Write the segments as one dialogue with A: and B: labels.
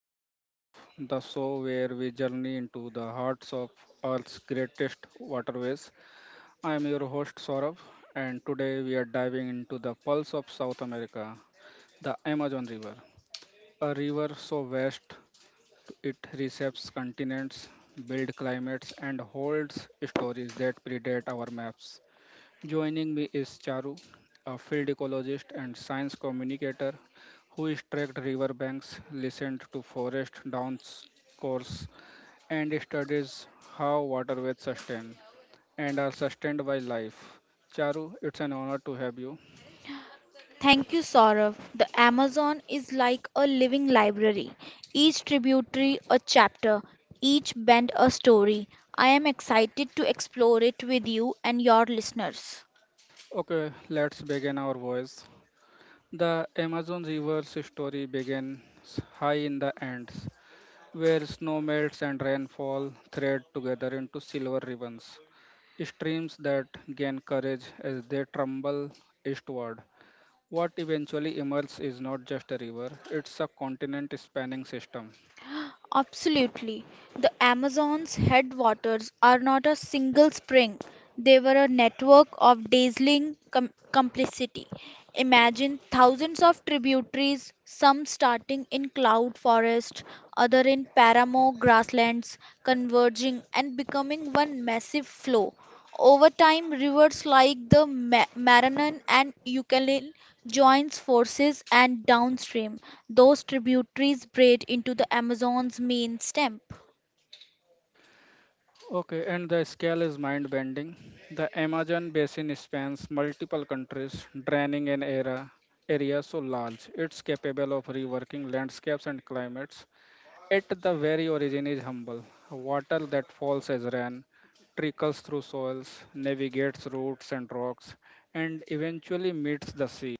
A: River of Life, the show where we journey into the hearts of Earth's greatest waterways. I am your host Saurabh, and today we are diving into the pulse of South America, the Amazon River, a river so vast it reshapes continents, builds climates, and holds stories that predate our maps. Joining me is Charu, a field ecologist and science communicator who has tracked riverbanks, listened to forest course, and studies how waterways sustain and are sustained by life. Charu, it's an honor to have you.
B: Thank you, Saurav. The Amazon is like a living library, each tributary a chapter, each bend a story. I am excited to explore it with you and your listeners.
A: Okay, let's begin our voice. The Amazon River's story begins high in the Andes, where snow melts and rainfall thread together into silver ribbons, streams that gain courage as they tremble eastward. What eventually emerges is not just a river, it's a continent spanning system.
B: Absolutely. The Amazon's headwaters are not a single spring, they were a network of dazzling complicity. Imagine thousands of tributaries, some starting in cloud forest, other in paramo grasslands, converging and becoming one massive flow. Over time, rivers like the Maranon and Ucayali joins forces and downstream, those tributaries braid into the Amazon's main stem.
A: Okay, and the scale is mind bending. The Amazon basin spans multiple countries, draining an era area so large it's capable of reworking landscapes and climates. At the very origin is humble. Water that falls as rain, trickles through soils, navigates roots and rocks, and eventually meets the sea.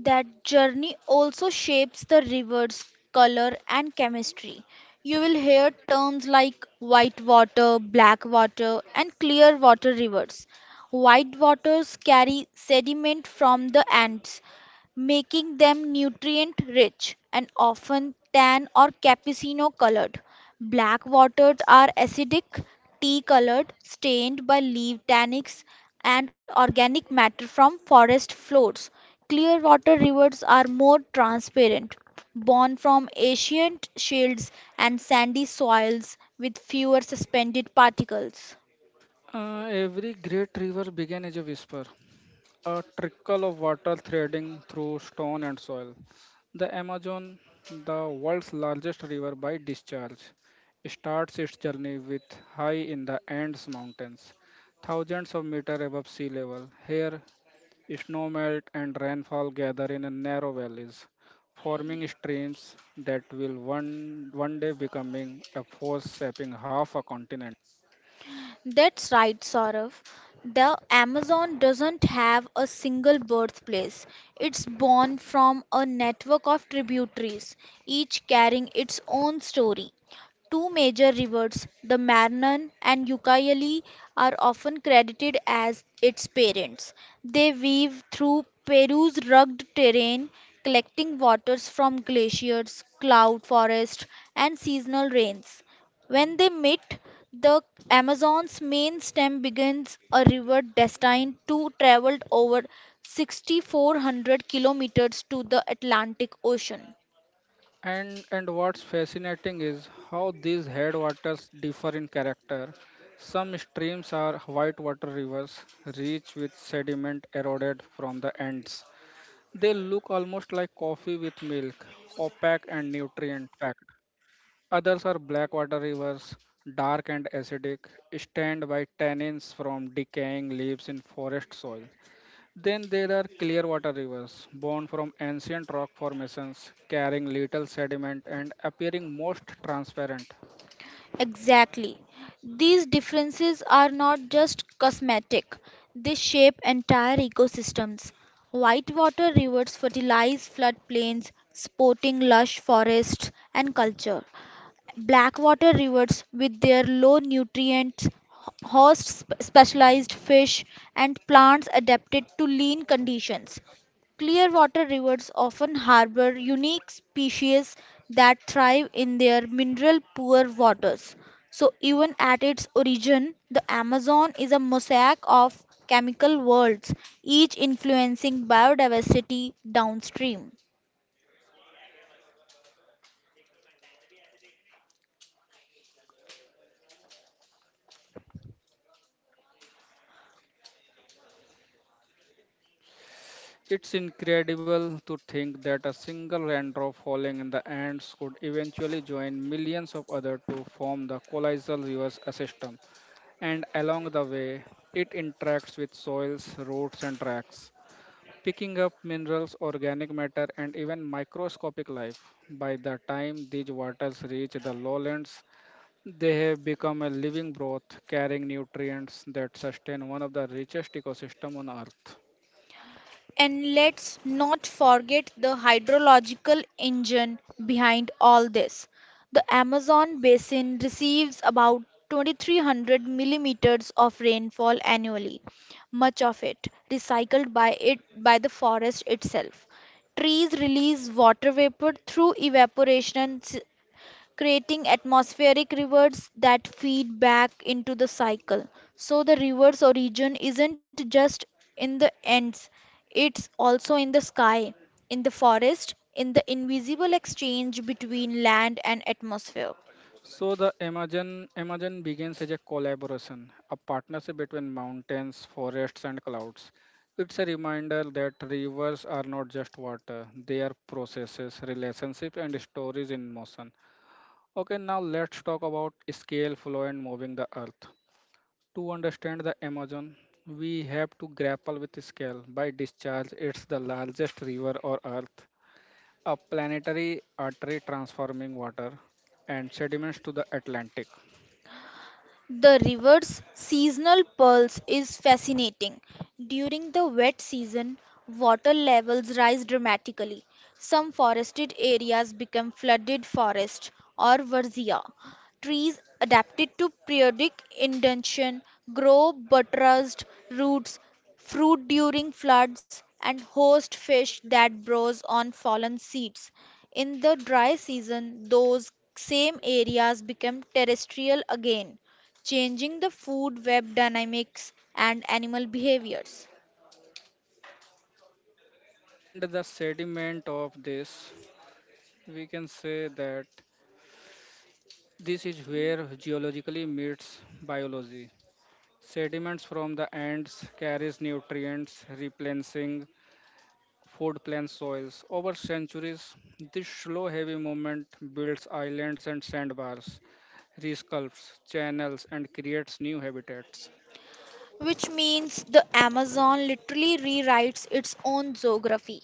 B: That journey also shapes the river's color and chemistry. You will hear terms like white water, black water, and clear water rivers. White waters carry sediment from the Andes, making them nutrient rich and often tan or cappuccino colored. Black waters are acidic, tea colored, stained by leaf tannics and organic matter from forest floors. Clearwater rivers are more transparent, born from ancient shields and sandy soils with fewer suspended particles.
A: Every great river began as a whisper, a trickle of water threading through stone and soil. The Amazon, the world's largest river by discharge, starts its journey with high in the Andes Mountains, thousands of meters above sea level. Here, snowmelt and rainfall gather in a narrow valleys,
B: Kaili.
A: forming streams that will one day becoming a force shaping half a continent.
B: That's right, Saurav. The Amazon doesn't have a single birthplace. It's born from a network of tributaries, each carrying its own story. Two major rivers, the Marne and Ucayali, are often credited as its parents. They weave through Peru's rugged terrain, collecting waters from glaciers, cloud forests, and seasonal rains. When they meet, the Amazon's main stem begins a river destined to travel over 6,400 kilometers to the Atlantic Ocean.
A: And what's fascinating is how these headwaters differ in character. Some streams are whitewater rivers, rich with sediment eroded from the ends. They look almost like coffee with milk, opaque and nutrient packed. Others are blackwater rivers, dark and acidic, stained by tannins from decaying leaves in forest soil. Then there are clearwater rivers, born from ancient rock formations, carrying little sediment and appearing most transparent.
B: Exactly. These differences are not just cosmetic, they shape entire ecosystems. Whitewater rivers fertilize floodplains, supporting lush forests and culture. Blackwater rivers, with their low nutrients, host specialized fish and plants adapted to lean conditions. Clearwater rivers often harbor unique species that thrive in their mineral poor waters. So, even at its origin, the Amazon is a mosaic of chemical worlds, each influencing biodiversity downstream.
A: It's incredible to think that a single raindrop falling in the Andes could eventually join millions of others to form the colossal rivers system, and along the way, it interacts with soils, roots, and tracks, picking up minerals, organic matter, and even microscopic life. By the time these waters reach the lowlands, they have become a living broth carrying nutrients that sustain one of the richest ecosystems on Earth.
B: And let's not forget the hydrological engine behind all this. The Amazon basin receives about 2,300 millimeters of rainfall annually, much of it recycled by the forest itself. Trees release water vapor through evaporation creating atmospheric rivers that feed back into the cycle. So the rivers origin isn't just in the ends, it's also in the sky, in the forest, in the invisible exchange between land and atmosphere.
A: So the Amazon begins as a collaboration, a partnership between mountains, forests, and clouds. It's a reminder that rivers are not just water; they are processes, relationships, and stories in motion. Okay, now let's talk about scale, flow, and moving the earth. To understand the Amazon, we have to grapple with scale. By discharge, it's the largest river or earth, a planetary artery transforming water and sediments to the Atlantic.
B: The river's seasonal pulse is fascinating. During the wet season, water levels rise dramatically. Some forested areas become flooded forest or verzia. Trees adapted to periodic inundation grow buttressed roots, fruit during floods, and host fish that browse on fallen seeds. In the dry season, those same areas become terrestrial again, changing the food web dynamics and animal behaviors,
A: And the sediment of this, we can say that this is where geologically meets biology. Sediments from the ants carries nutrients, replenishing food plant soils. Over centuries, this slow heavy movement builds islands and sandbars, resculpts channels and creates new habitats.
B: which means the Amazon literally rewrites its own geography.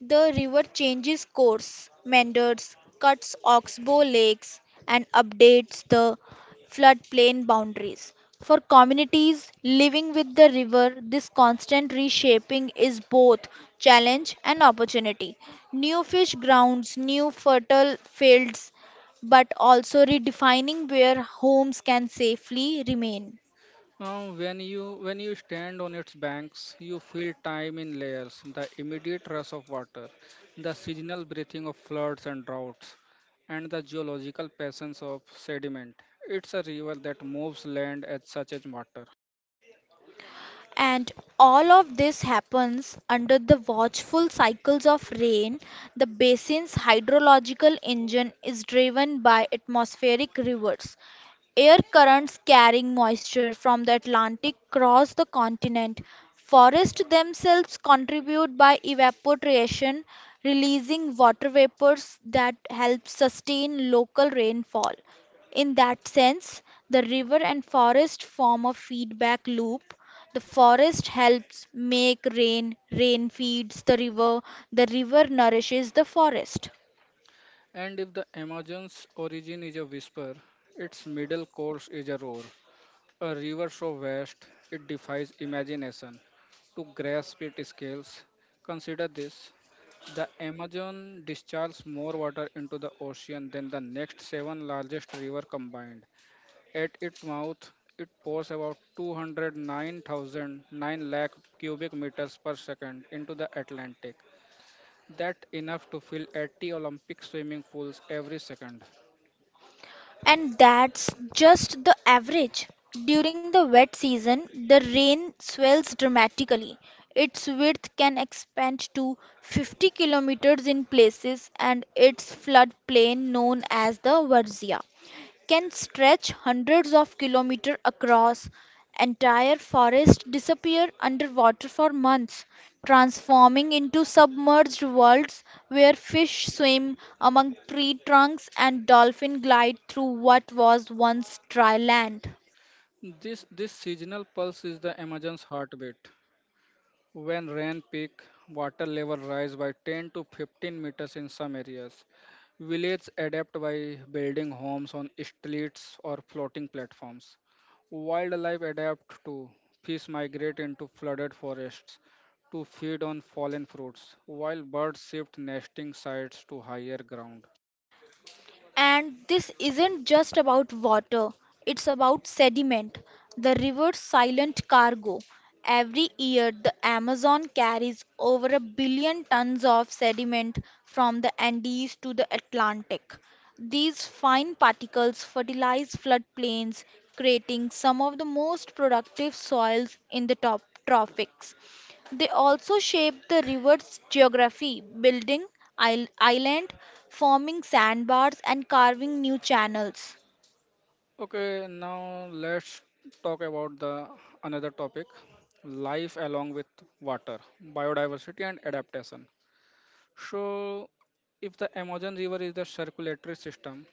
B: The river changes course, meanders, cuts oxbow lakes, and updates the floodplain boundaries. For communities living with the river, this constant reshaping is both challenge and opportunity. New fish grounds, new fertile fields, but also redefining where homes can safely remain.
A: When you when you stand on its banks, you feel time in layers, the immediate rush of water, the seasonal breathing of floods and droughts, and the geological presence of sediment. It's a river that moves land as such as water.
B: And all of this happens under the watchful cycles of rain. The basin's hydrological engine is driven by atmospheric rivers. Air currents carrying moisture from the Atlantic cross the continent. Forests themselves contribute by evaporation, releasing water vapors that help sustain local rainfall. In that sense, the river and forest form a feedback loop. The forest helps make rain, rain feeds the river nourishes the forest.
A: And if the Amazon's origin is a whisper, its middle course is a roar, a river so vast it defies imagination. To grasp its scales, consider this: the Amazon discharges more water into the ocean than the next seven largest rivers combined. At its mouth, it pours about 209,009 lakh cubic meters per second into the Atlantic. That enough to fill 80 Olympic swimming pools every second.
B: And that's just the average. During the wet season, the rain swells dramatically. Its width can expand to 50 kilometers in places, and its floodplain, known as the Varzea, can stretch hundreds of kilometers across. Entire forests disappear underwater for months, transforming into submerged worlds where fish swim among tree trunks and dolphins glide through what was once dry land.
A: This seasonal pulse is the Amazon's heartbeat. When rain peak, water level rise by 10 to 15 meters in some areas. Villages adapt by building homes on streets or floating platforms. Wildlife adapt too. Fish migrate into flooded forests to feed on fallen fruits, while birds shift nesting sites to higher ground.
B: And this isn't just about water, it's about sediment, the river's silent cargo. Every year, the Amazon carries over a billion tons of sediment from the Andes to the Atlantic. These fine particles fertilize floodplains, creating some of the most productive soils in the top tropics. They also shape the river's geography, building islands, forming sandbars, and carving new channels.
A: Okay, now let's talk about the another topic, life along with water, biodiversity and adaptation. So, if the Amazon River is the circulatory system,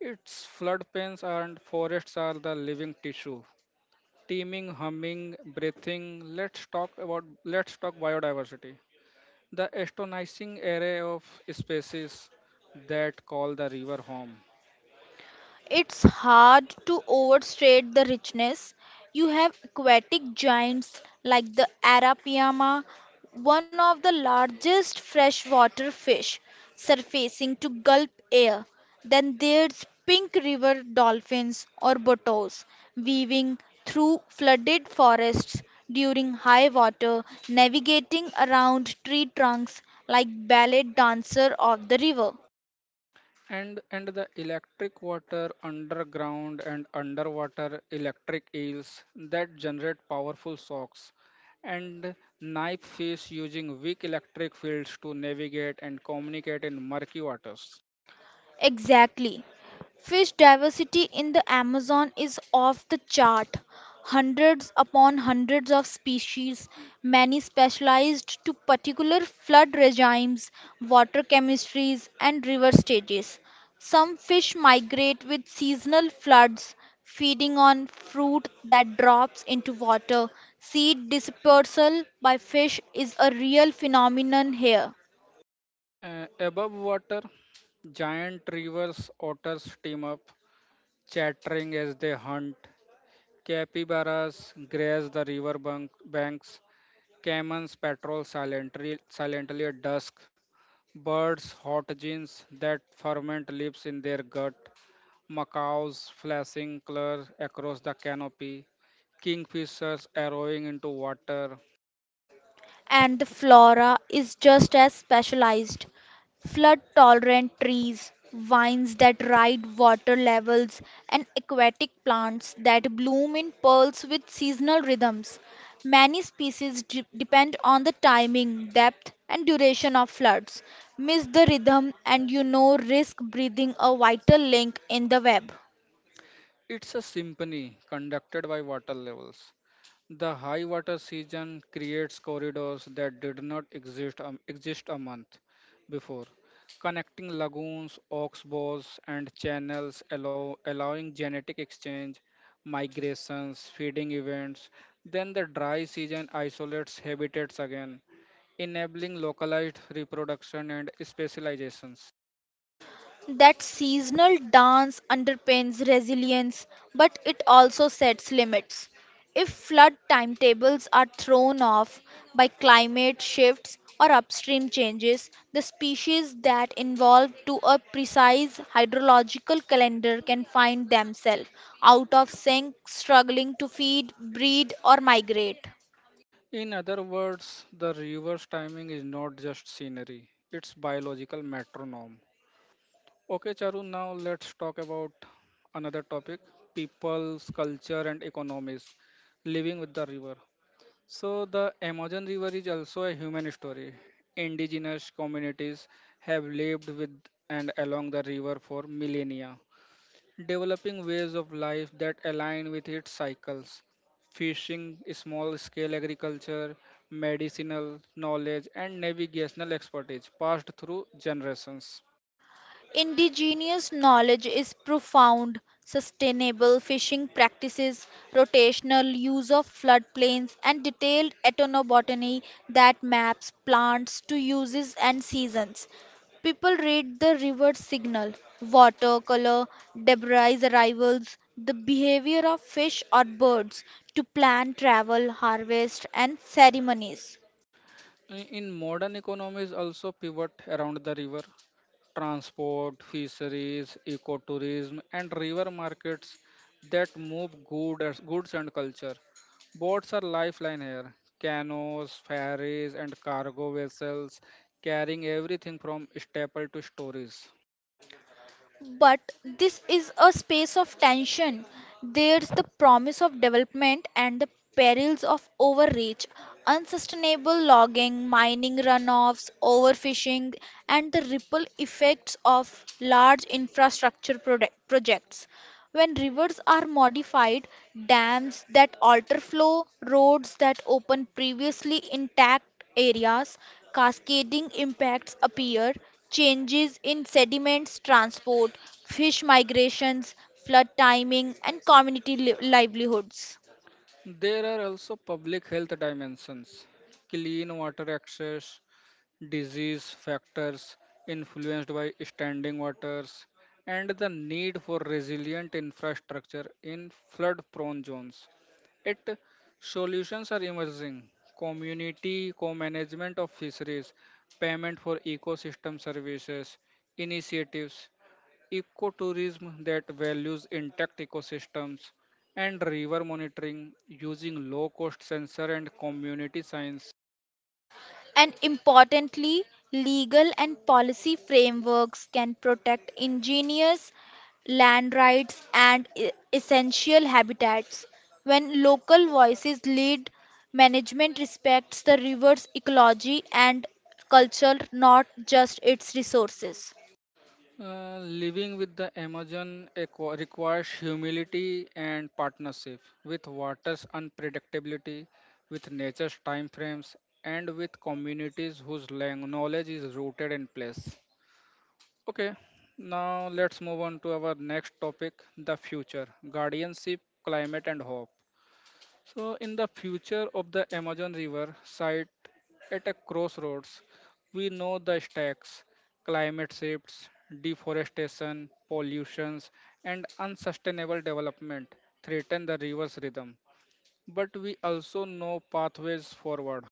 A: its floodplains and forests are the living tissue, teeming, humming, breathing. Let's talk biodiversity. The astonishing array of species that call the river home.
B: It's hard to overstate the richness. You have aquatic giants like the Arapaima, one of the largest freshwater fish, surfacing to gulp air. Then there's pink river dolphins or bottles, weaving through flooded forests during high water, navigating around tree trunks like ballet dancer of the river.
A: And the electric water underground and underwater electric eels that generate powerful shocks and knife fish using weak electric fields to navigate and communicate in murky waters.
B: Exactly. Fish diversity in the Amazon is off the chart. Hundreds upon hundreds of species, many specialized to particular flood regimes, water chemistries, and river stages. Some fish migrate with seasonal floods, feeding on fruit that drops into water. Seed dispersal by fish is a real phenomenon here.
A: Above water, giant rivers otters team up, chattering as they hunt. Capybaras graze the banks. Camels patrol silently at dusk. Birds, hot genes that ferment leaves in their gut. Macaws flashing color across the canopy. Kingfishers arrowing into water.
B: And the flora is just as specialized. Flood tolerant trees, vines that ride water levels, and aquatic plants that bloom in pairs with seasonal rhythms. Many species depend on the timing, depth, and duration of floods. Miss the rhythm, and you know risk breathing a vital link in the web.
A: It's a symphony conducted by water levels. The high water season creates corridors that did not exist a month before, connecting lagoons, oxbows, and channels, allowing genetic exchange, migrations, feeding events. Then the dry season isolates habitats again, enabling localized reproduction and specializations.
B: That seasonal dance underpins resilience, but it also sets limits. If flood timetables are thrown off by climate shifts or upstream changes, the species that evolved to a precise hydrological calendar can find themselves out of sync, struggling to feed, breed, or migrate.
A: In other words, the river's timing is not just scenery; it's biological metronome. Okay, Charu, now let's talk about another topic: people's culture and economies, living with the river. So, the Amazon River is also a human story. Indigenous communities have lived with and along the river for millennia, developing ways of life that align with its cycles. Fishing, small scale agriculture, medicinal knowledge, and navigational expertise passed through generations.
B: Indigenous knowledge is profound. Sustainable fishing practices, rotational use of floodplains, and detailed ethnobotany that maps plants to uses and seasons. People read the river signal, water color, debris arrivals, the behavior of fish or birds to plan travel, harvest, and ceremonies.
A: In modern economies also pivot around the river. Transport, fisheries, ecotourism and river markets that move goods and culture. Boats are lifeline here. Canoes, ferries and cargo vessels carrying everything from staple to stories.
B: But this is a space of tension. There's the promise of development and the perils of overreach, unsustainable logging, mining runoffs, overfishing, and the ripple effects of large infrastructure projects. When rivers are modified, dams that alter flow, roads that open previously intact areas, cascading impacts appear. Changes in sediments transport, fish migrations, flood timing, and community livelihoods.
A: There are also public health dimensions. Clean water access, disease factors influenced by standing waters, and the need for resilient infrastructure in flood prone zones. It solutions are emerging. Community co-management of fisheries, payment for ecosystem services, initiatives, ecotourism that values intact ecosystems, and river monitoring using low-cost sensor and community science.
B: And importantly, legal and policy frameworks can protect indigenous land rights and essential habitats. When local voices lead, management respects the river's ecology and culture, not just its resources.
A: Living with the Amazon requires humility and partnership with water's unpredictability, with nature's time frames, and with communities whose knowledge is rooted in place. Okay, now let's move on to our next topic: the future, guardianship, climate, and hope. So, in the future of the Amazon River site at a crossroads, we know the stacks, climate shifts, deforestation, pollutions, and unsustainable development threaten the river's rhythm. But we also know pathways forward.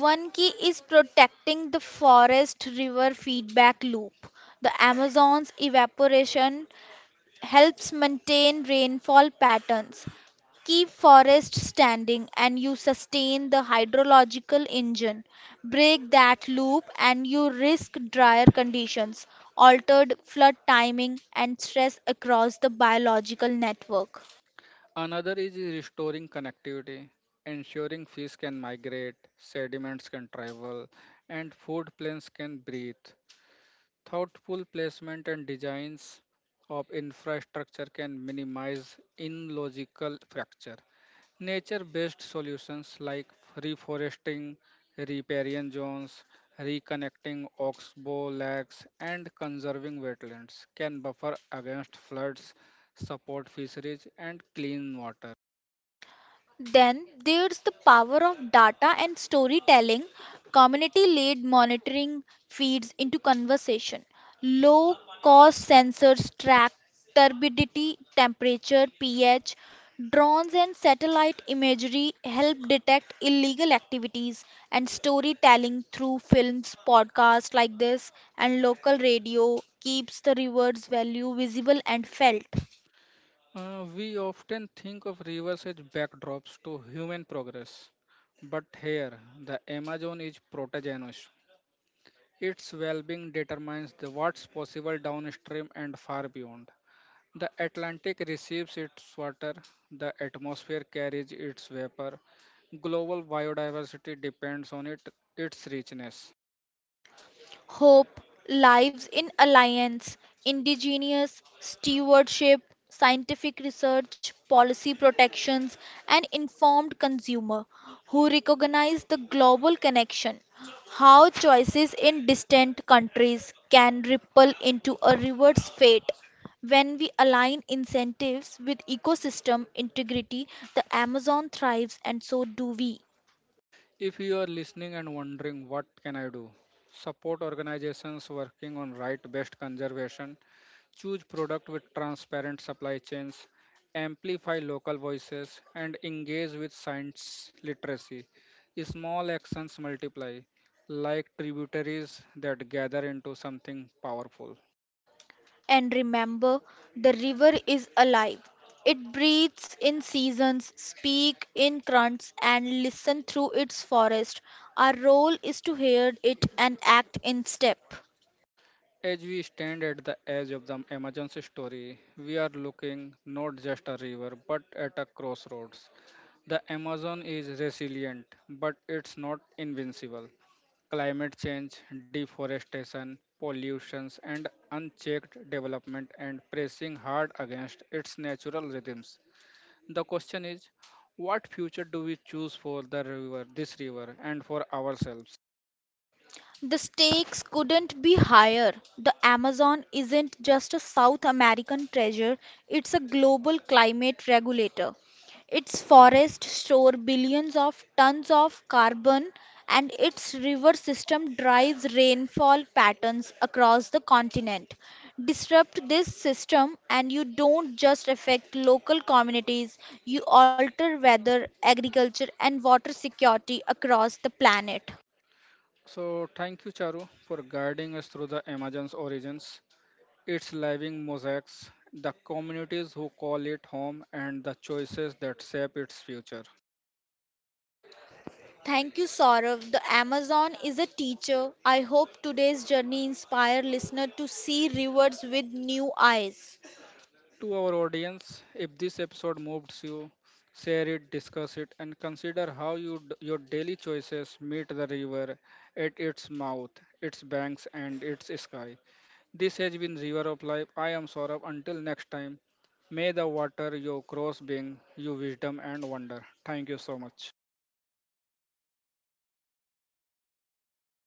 B: One key is protecting the forest river feedback loop. The Amazon's evaporation helps maintain rainfall patterns, keep forests standing, and you sustain the hydrological engine. Break that loop, and you risk drier conditions, altered flood timing, and stress across the biological network.
A: Another is restoring connectivity, ensuring fish can migrate, sediments can travel, and food planes can breathe. Thoughtful placement and designs of infrastructure can minimize illogical fracture. Nature based solutions like reforesting, riparian zones, reconnecting oxbow lakes, and conserving wetlands can buffer against floods, support fisheries, and clean water.
B: Then there's the power of data and storytelling, community led monitoring feeds into conversation. Low cost sensors track turbidity, temperature, pH. Drones and satellite imagery help detect illegal activities and storytelling through films, podcasts like this, and local radio keeps the river's value visible and felt.
A: We often think of rivers as backdrops to human progress, but here the Amazon is protagonist. Its well-being determines the what's possible downstream and far beyond. The Atlantic receives its water, the atmosphere carries its vapor. Global biodiversity depends on it, its richness.
B: Hope lives in alliance, indigenous stewardship, scientific research, policy protections, and informed consumer who recognize the global connection. How choices in distant countries can ripple into a river's fate. When we align incentives with ecosystem integrity, the Amazon thrives and so do we.
A: If you are listening and wondering what can I do, support organizations working on right-based conservation. Choose product with transparent supply chains, amplify local voices, and engage with science literacy. Small actions multiply, like tributaries that gather into something powerful.
B: And remember, the river is alive. It breathes in seasons, speaks in grunts, and listens through its forest. Our role is to hear it and act in step.
A: As we stand at the edge of the emergency story, we are looking not just a river but at a crossroads. The Amazon is resilient, but it's not invincible. Climate change, deforestation, pollutions, and unchecked development and pressing hard against its natural rhythms. The question is, what future do we choose for the river, this river, and for ourselves?
B: The stakes couldn't be higher. The Amazon isn't just a South American treasure, it's a global climate regulator. Its forests store billions of tons of carbon, and its river system drives rainfall patterns across the continent. Disrupt this system, and you don't just affect local communities, you alter weather, agriculture, and water security across the planet.
A: So thank you, Charu, for guiding us through the Amazon's origins, its living mosaics, the communities who call it home, and the choices that shape its future.
B: Thank you, Saurav. The Amazon is a teacher. I hope today's journey inspire listener to see rivers with new eyes.
A: To our audience, if this episode moves you, share it, discuss it, and consider how your daily choices meet the river at its mouth, its banks, and its sky. This has been River of Life. I am Saurabh. Until next time, may the water you cross bring you wisdom and wonder. Thank you so much.